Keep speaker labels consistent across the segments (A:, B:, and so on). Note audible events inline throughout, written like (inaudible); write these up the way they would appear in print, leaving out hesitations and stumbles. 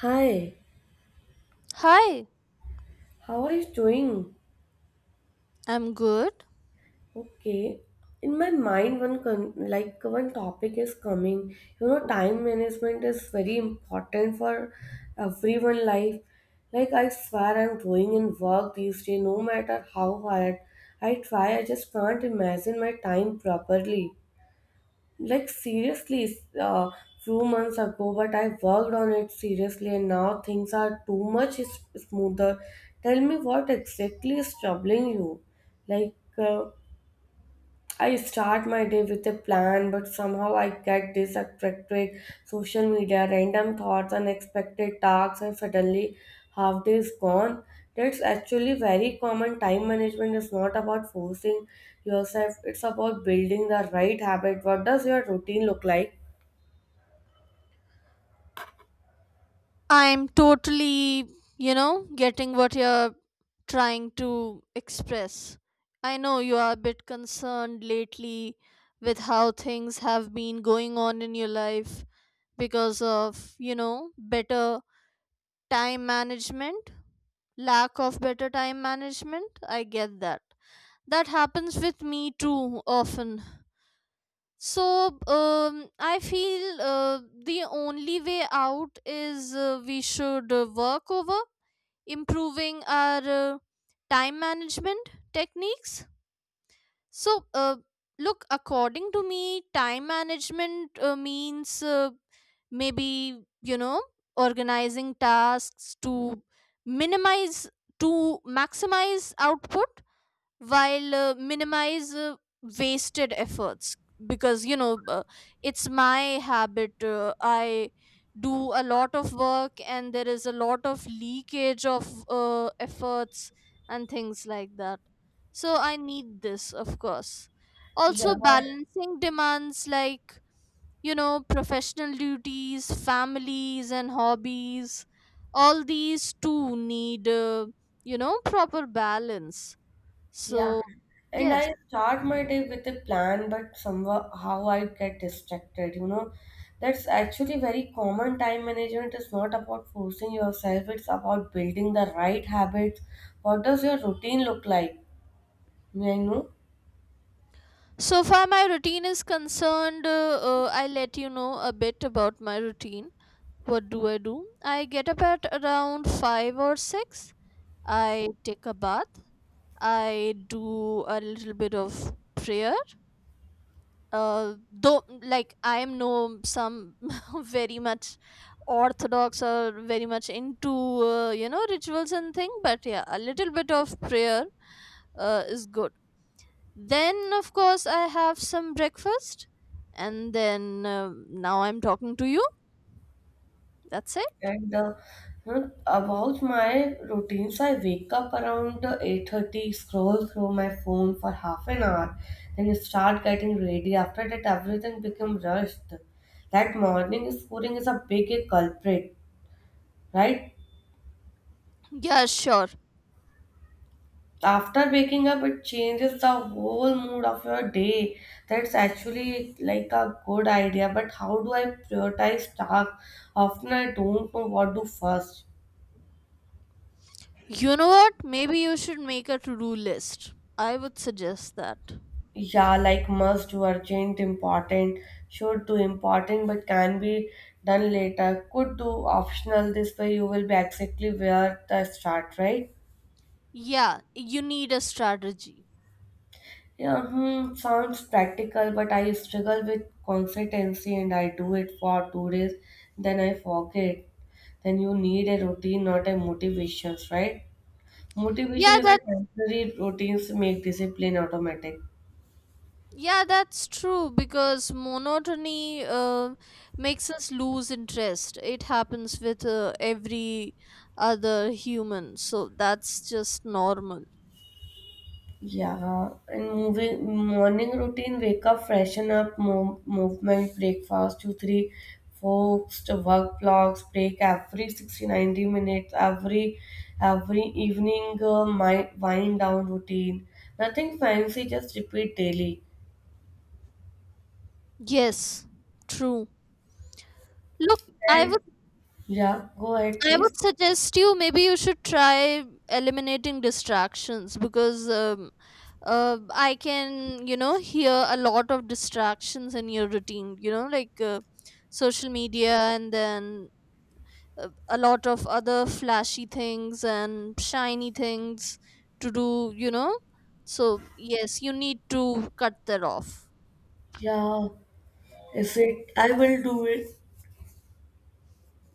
A: Hi,
B: Hi,
A: how are you doing?
B: I'm good.
A: Okay. In my mind, like one topic is coming. You know, time management is very important for everyone life. Like I swear, I'm going in work these days, no matter how hard I try. I just can't imagine my time properly. Like seriously few months ago but I worked on it seriously and now things are smoother. Tell me what exactly is troubling you. like uh, I start my day with a plan, but somehow I get distracted. Social media, random thoughts, unexpected tasks, and suddenly half day is gone. That's actually very common. Time management is not about forcing yourself, it's about building the right habit. What does your routine look like?
B: I'm totally, you know, getting what you're trying to express. I know you are a bit concerned lately with how things have been going on in your life because of, you know, better time management, lack of better time management. I get that. That happens with me too often. So I feel, the only way out is, we should, work over improving our uh, time management techniques. So uh, Look, according to me, time management means, maybe, you know, organizing tasks to minimize to maximize output while, minimize, wasted efforts because, you know, it's my habit. I do a lot of work and there is a lot of leakage of, efforts and things like that, so I need this, of course.
A: Yeah.
B: Also balancing demands like, you know, professional duties, families, and hobbies. All these too need, you know, proper balance.
A: Yeah.
B: So,
A: And
B: yes.
A: I start my day with a plan, but somehow how I get distracted, you know. That's actually very common. Time management is not about forcing yourself, it's about building the right habits. What does your routine look like? May I know?
B: So far my routine is concerned, I'll let you know a bit about my routine. What do? I get up at around 5 or 6. I take a bath. I do a little bit of prayer. Though, like, I am no some (laughs) very much orthodox or very much into, you know, rituals and thing, but yeah, a little bit of prayer is good. Then, of course, I have some breakfast. And then, now I'm talking to you. That's it.
A: And uh, about my routines, I wake up around 8:30, scroll through my phone for half an hour, then start getting ready. After that, everything become rushed. That morning scoring is a big culprit, right?
B: Yeah, sure.
A: After waking up, it changes the whole mood of your day. That's actually like a good idea. But how do I prioritize tasks? Often I don't know what to do first.
B: You know what? Maybe you should make a to do list. I would suggest that.
A: Yeah, like must do, urgent important; should do important but can be done later; could do optional. This way you will be exactly where the start, right?
B: Yeah, you need a strategy.
A: Yeah, hmm, sounds practical but I struggle with consistency and I do it for 2 days then I forget. Then you need a routine not a motivations, right? Motivation
B: Yeah,
A: is a
B: that
A: temporary, routines make discipline automatic.
B: yeah, that's true because monotony, makes us lose interest. It happens with, every other human, so that's just normal.
A: Yeah, and moving morning routine, wake up, freshen up, movement, breakfast, two, three, focused work blocks, break every 60 to 90 minutes, every evening, my wind down routine. Nothing fancy, just repeat daily.
B: Yes, true. Look, I
A: And
B: would
A: yeah, go ahead,
B: I
A: please.
B: would suggest you, maybe you should try eliminating distractions because, I can, you know, hear a lot of distractions in your routine, you know, like, social media and then, a lot of other flashy things and shiny things to do, you know. So, yes, you need to cut that off.
A: Yeah, is it? I will do it.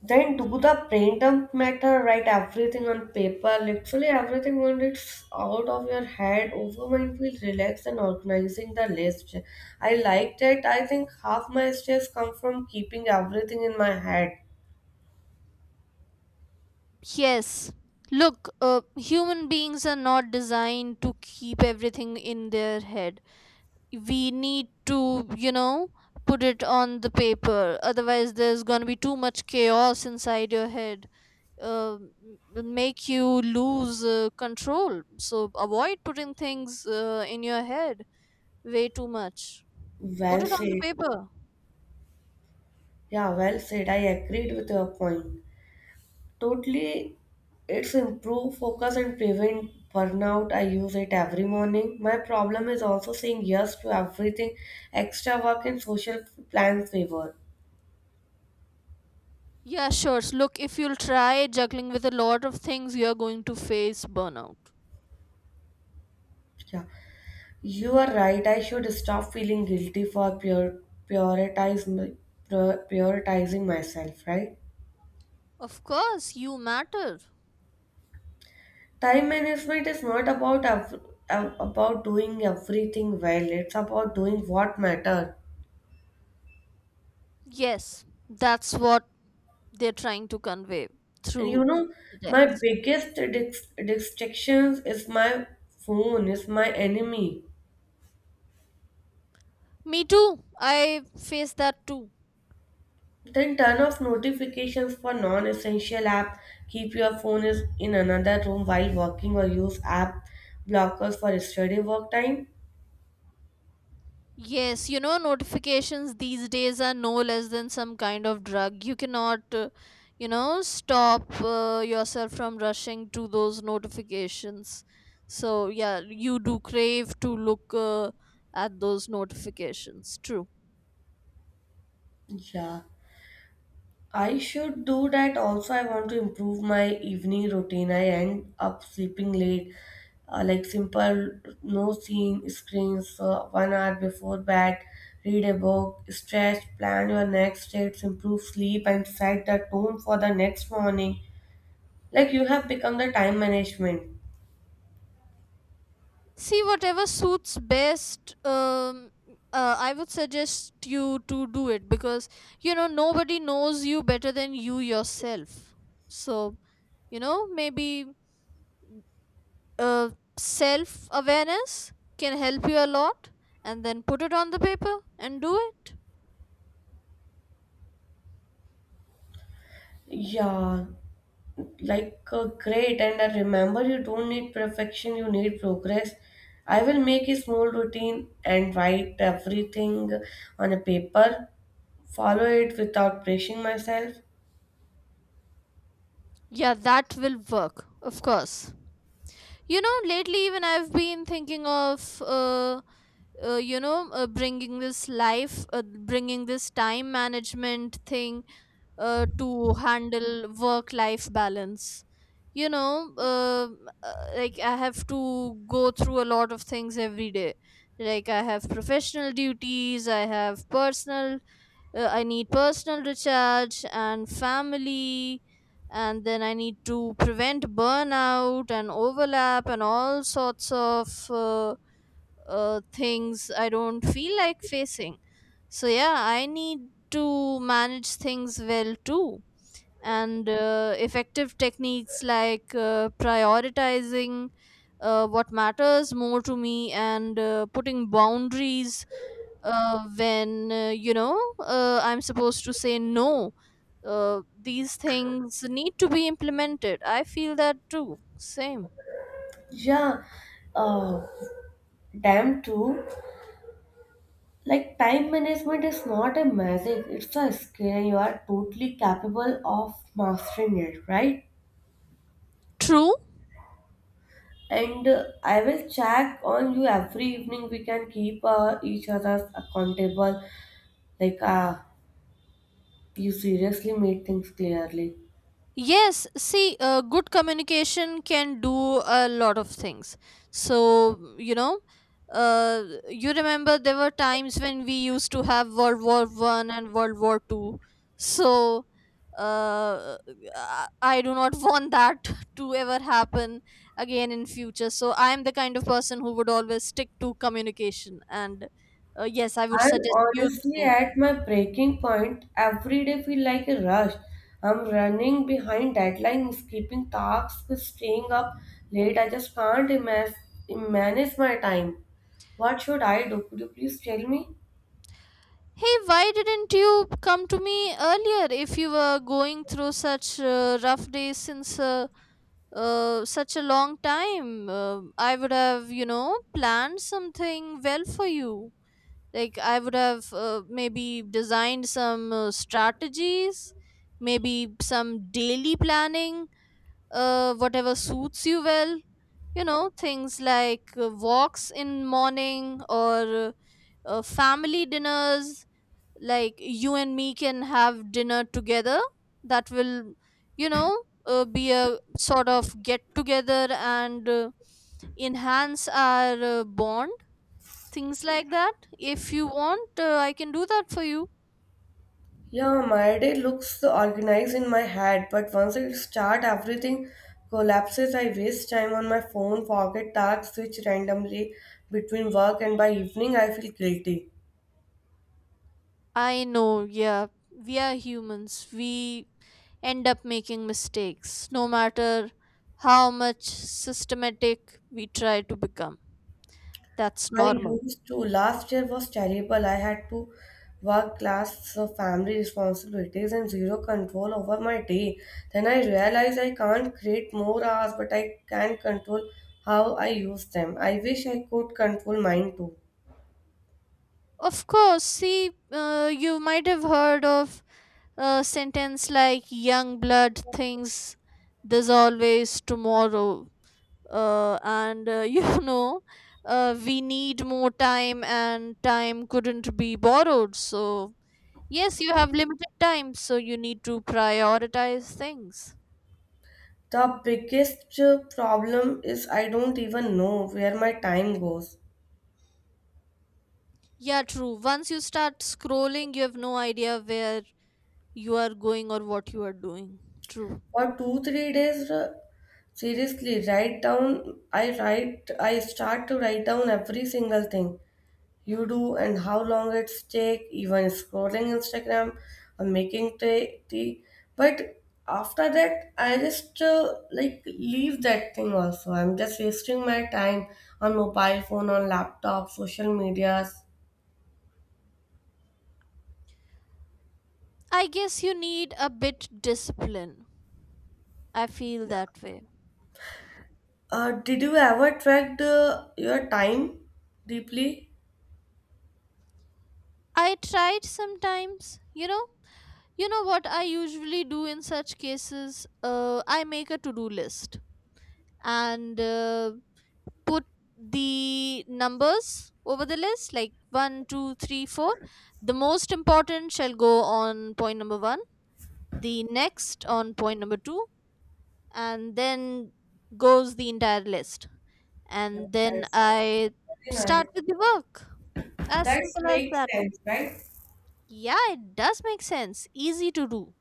A: Then do the brain dump matter, write everything on paper, literally everything. When it's out of your head, overmind feel relaxed and organizing the list. I like that. I think half my stress come from keeping everything in my head.
B: Yes. Look, human beings are not designed to keep everything in their head. We need to, you know, put it on the paper, otherwise there's going to be too much chaos inside your head, uh, m- make you lose, control. So avoid putting things, in your head way too much. Put
A: Well
B: it on
A: said.
B: the paper.
A: Yeah, well said. I agreed with your point. Totally, it's improve focus and prevent burnout. I use it every morning. My problem is also saying yes to everything, extra work and social plans favor.
B: Yeah, sure. So look, if you'll try juggling with a lot of things, you're going to face burnout.
A: Yeah, you are right. I should stop feeling guilty for prioritize, prioritizing myself, right?
B: Of course you matter.
A: Time management is not about doing everything well. It's about doing what matter.
B: Yes, that's what they're trying to convey
A: And you
B: through
A: know,
B: the
A: my
B: text.
A: biggest distractions is my phone, is my enemy.
B: Me too. I face that too.
A: Then turn off notifications for non-essential app. Keep your phone is in another room while working or use app blockers for study work time.
B: Yes, you know, notifications these days are no less than some kind of drug. You cannot, you know, stop, yourself from rushing to those notifications. So, yeah, you do crave to look, at those notifications. True.
A: Yeah, I should do that. Also, I want to improve my evening routine. I end up sleeping late, like simple, no seeing screens, 1 hour before bed, read a book, stretch, plan your next steps, improve sleep, and set the tone for the next morning. Like you have become the time management.
B: See, whatever suits best, I would suggest you to do it because, you know, nobody knows you better than you yourself. So, you know, maybe, uh, self awareness can help you a lot, and then put it on the paper and do it.
A: Yeah, great. And I remember you don't need perfection, you need progress. I will make a small routine and write everything on a paper, follow it without pressing myself.
B: Yeah, that will work, of course. You know, lately even I've been thinking of, you know, bringing this life, bringing this time management thing, to handle work life balance. You know, like, I have to go through a lot of things every day. Like, I have professional duties, I have personal, I need personal recharge and family, and then I need to prevent burnout and overlap and all sorts of, things I don't feel like facing. So yeah, I need to manage things well too. And, effective techniques like, prioritizing, what matters more to me, and, putting boundaries, when, you know, I'm supposed to say no. These things need to be implemented. I feel that too, same.
A: Yeah, uh, damn true. Like time management is not a magic, it's a skill, and you are totally capable of mastering it, right?
B: True.
A: And I will check on you every evening. We can keep each other accountable. Like, ah, you seriously made things clearly.
B: Yes, see, good communication can do a lot of things. So, you know, uh, you remember there were times when we used to have World War I and World War II. So, uh, I do not (laughs) want that to ever happen again in future. So, I am the kind of person who would always stick to communication. And, yes, I would
A: I'm
B: suggest you the
A: honestly
B: same.
A: at my breaking point. Every day feel like a rush. I'm running behind deadlines, skipping tasks, staying up late. I just can't ima- manage my time. What should I do? Could you please tell me?
B: Hey, why didn't you come to me earlier if you were going through such, rough days since, such a long time? I would have, you know, planned something well for you. Like, I would have, maybe designed some, strategies, maybe some daily planning, whatever suits you well. You know, things like, walks in morning, or, family dinners, like you and me can have dinner together. That will, you know, be a sort of get together and, enhance our, bond. Things like that, if you want, I can do that for you.
A: Yeah, my day looks organized in my head, but once I start, everything collapses. I waste time on my phone, forget tasks, switch randomly between work, and by evening I feel guilty.
B: I know. Yeah, we are humans, we end up making mistakes no matter how much systematic we try to become. That's
A: I
B: normal.
A: used to. Last year was terrible. I had to work class, so family responsibilities, and zero control over my day. Then I realized I can't create more hours, but I can control how I use them. I wish I could control mine too.
B: Of course, see, you might have heard of a sentence like, young blood thinks there's always tomorrow. And (laughs) you know, we need more time, and time couldn't be borrowed. So, yes, you have limited time, so you need to prioritize things.
A: The biggest problem is I don't even know where my time goes.
B: Yeah, true. Once you start scrolling, you have no idea where you are going or what you are doing. True.
A: For two, 3 days, seriously, write down, I start to write down every single thing you do and how long it's take, even scrolling Instagram or making tea. But after that, I just like leave that thing also. I'm just wasting my time on mobile phone, on laptop, social medias.
B: I guess you need a bit discipline. I feel that way.
A: Did you ever track your time deeply?
B: I tried sometimes, you know. You know what I usually do in such cases? I make a to do list and, put the numbers over the list like one, two, three, four. The most important shall go on point number one, the next on point number two, and then goes the entire list.
A: Yeah,
B: And then
A: that's
B: I
A: very nice.
B: start with the work. As
A: That
B: simple as
A: makes
B: that.
A: sense, right?
B: Yeah, it does make sense. Easy to do.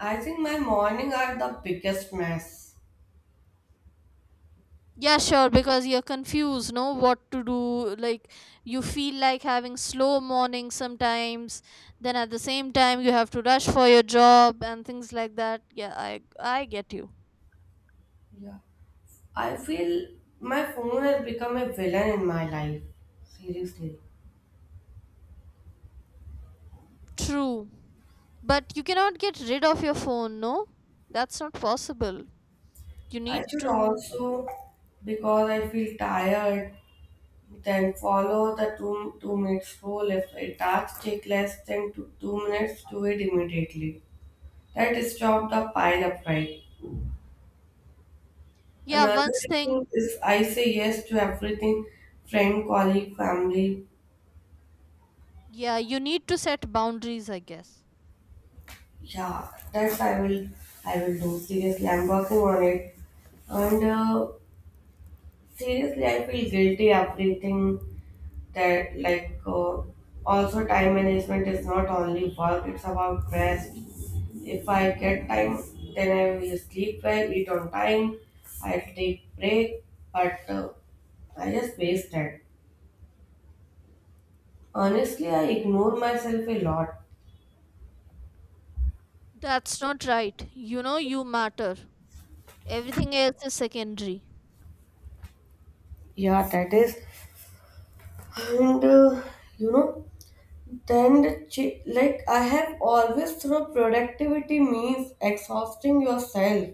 A: I think my morning are the biggest mess.
B: Yeah, sure, because you're confused, no, what to do. Like, you feel like having slow mornings sometimes. Then at the same time, you have to rush for your job and things like that. Yeah, I get you.
A: Yeah. I feel my phone has become a villain in my life. Seriously.
B: True. But you cannot get rid of your phone, no? That's not possible. You
A: I
B: need
A: should
B: to.
A: also, because I feel tired, then follow the 2 minutes rule. If a task take less than 2 minutes, do it immediately. That stop the pile up, right?
B: Yeah,
A: Another
B: once
A: thing
B: thing,
A: is I say yes to everything, friend, colleague, family.
B: yeah, you need to set boundaries, I guess.
A: Yeah, that's I will do. Seriously, I'm working on it. And seriously, I feel guilty everything that also time management is not only work; it's about rest. If I get time, then I will sleep well, eat on time. I'll take break, but I just waste that. Honestly, I ignore myself a lot.
B: That's not right. You know you matter. Everything else is secondary.
A: Yeah, that is. And you know, like I have always thought productivity means exhausting yourself.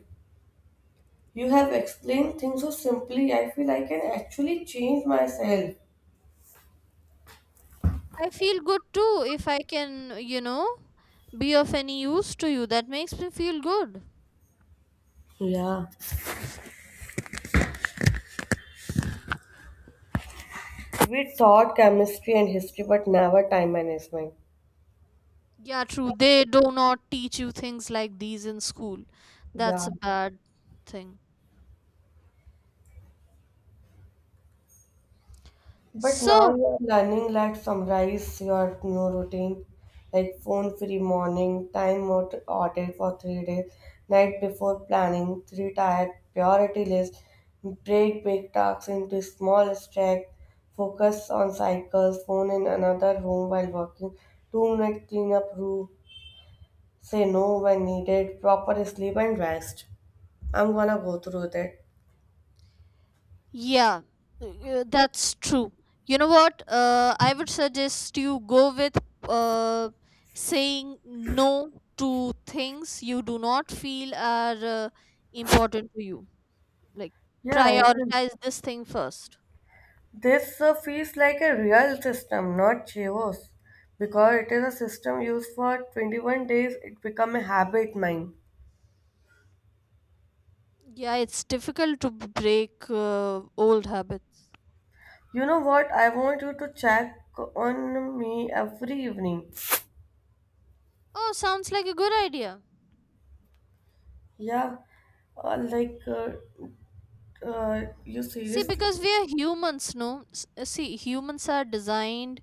A: You have explained things so simply. I feel I can actually change myself.
B: I feel good too if I can, you know, be of any use to you. That makes me feel good.
A: Yeah. We taught chemistry and history, but never time management.
B: Yeah, true. They do not teach you things like these in school. That's
A: Yeah.
B: a bad thing.
A: But now
B: So,
A: you're learning like summarize your new routine, like phone free morning, audit for 3 days, night before planning, three tier priority list, break big tasks into small stack, focus on cycles, phone in another room while working, 2 minute cleanup rule, say no when needed, proper sleep and rest. I'm gonna go through that.
B: yeah, that's true. You know what? I would suggest you go with, uh, saying no to things you do not feel are, important to you. Like,
A: Yeah, it's.
B: prioritize this thing first.
A: This feels like a real system, not chaos. Because it is a system used for 21 days, it become a habit mine.
B: Yeah, it's difficult to break, old habits.
A: You know what? I want you to check on me every evening.
B: Oh, sounds like a good idea.
A: Yeah, uh, like uh, you
B: See,
A: seriously
B: because we are humans, no? See, humans are designed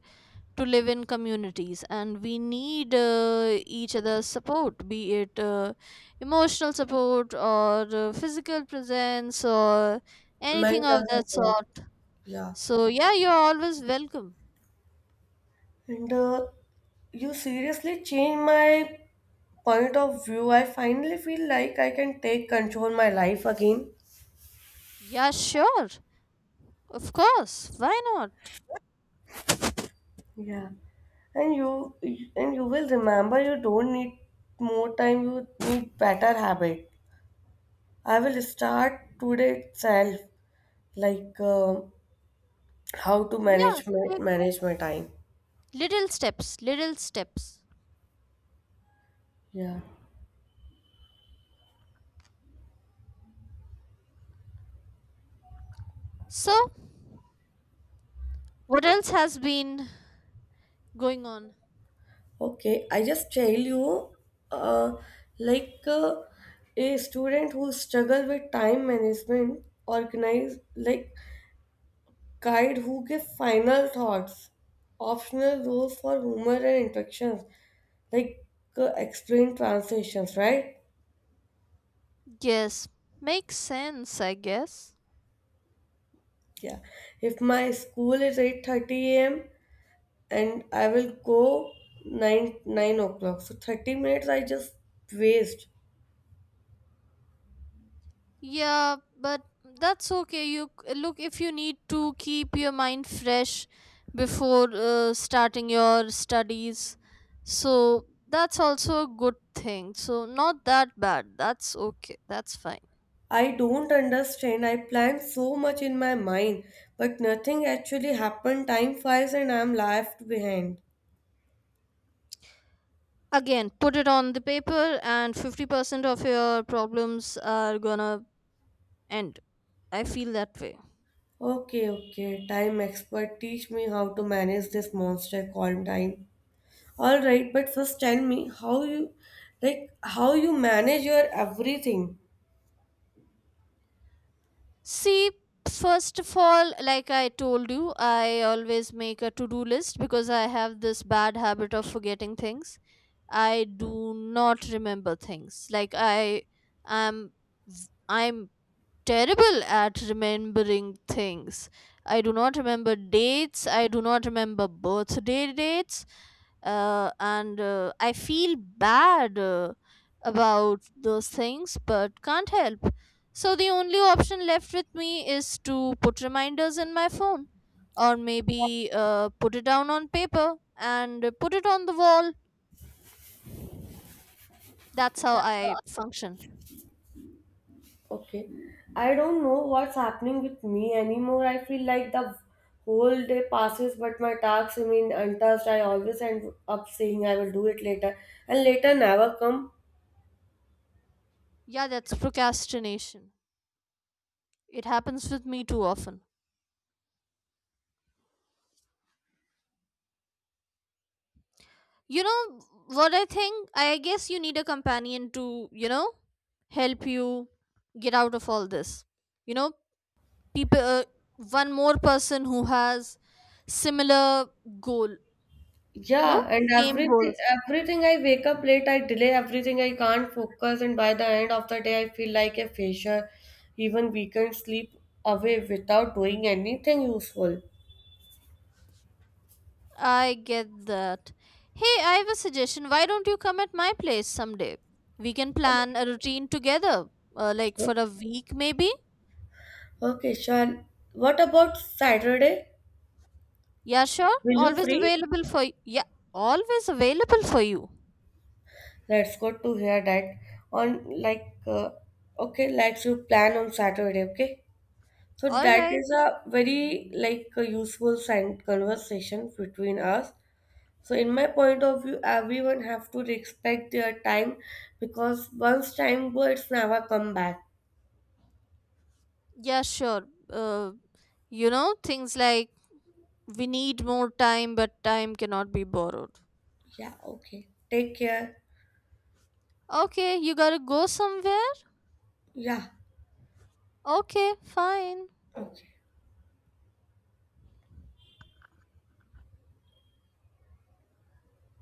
B: to live in communities and we need, each other's support, be it, emotional support, or, physical presence, or
A: mine
B: anything of
A: does
B: that
A: a lot.
B: sort.
A: Yeah,
B: So, yeah, you're always welcome.
A: and you seriously change my point of view. I finally feel like I can take control my life again.
B: Yeah, sure. Of course. Why not?
A: Yeah. And you and you will remember you don't need more time, you need better habit. I will start today itself, like uh, how to
B: Yeah,
A: manage
B: take
A: manage my time.
B: little steps, little steps.
A: Yeah.
B: So, what else has been going on?
A: Okay. I just tell you, uh, like uh, a student who struggle with time management, organize like guide who give final thoughts, optional roles for humor and interactions. like explain translations, right?
B: Yes, makes sense, I guess.
A: Yeah, if my school is 8:30 a.m. and I will go 9 o'clock so 30 minutes I just waste.
B: Yeah, but that's okay. You look, if you need to keep your mind fresh before, starting your studies. So, that's also a good thing. So, not that bad. That's okay. That's fine.
A: I don't understand, I plan so much in my mind but nothing actually happened, time flies and I'm left behind.
B: Again, put it on the paper and 50% of your problems are gonna end. I feel that way.
A: Okay, okay, time expert, teach me how to manage this monster called time. All right, but first tell me how you like how you manage your everything.
B: See, first of all, like I told you, I always make a to do list because I have this bad habit of forgetting things. I do not remember things. Like I am. I'm terrible at remembering things. I do not remember dates. I do not remember birthday dates. And I feel bad, about those things, but can't help. So the only option left with me is to put reminders in my phone, or maybe, put it down on paper and, put it on the wall. That's how I function.
A: Okay. I don't know what's happening with me anymore. I feel like the whole day passes but my tasks remain untouched. I always end up saying I will do it later and later never come.
B: Yeah, that's procrastination. It happens with me too often. You know what I think? I guess you need a companion to, you know, help you get out of all this. You know, people, one more person who has similar goal, no?
A: Yeah, and
B: Same
A: everything
B: goals.
A: everything I wake up late, I delay everything, I can't focus and by the end of the day I feel like a failure. Even we can sleep away without doing anything useful.
B: I get that. Hey, I have a suggestion. Why don't you come at my place someday? We can plan a routine together, like for a week maybe.
A: Okay, Sean. What about Saturday?
B: Yeah, sure.
A: Will you
B: Always
A: free?
B: available for yeah, always available for you.
A: Let's go to hear that on okay, let's you plan on Saturday, okay? So
B: All
A: that
B: right.
A: is a very like a useful sign conversation between us. So in my point of view, everyone have to respect their time because once time goes, it's never come back.
B: Yeah, sure. Uh, you know, things like, we need more time, but time cannot be borrowed.
A: Yeah, okay. Take care.
B: Okay, you gotta go somewhere?
A: Yeah,
B: Okay, fine.
A: okay.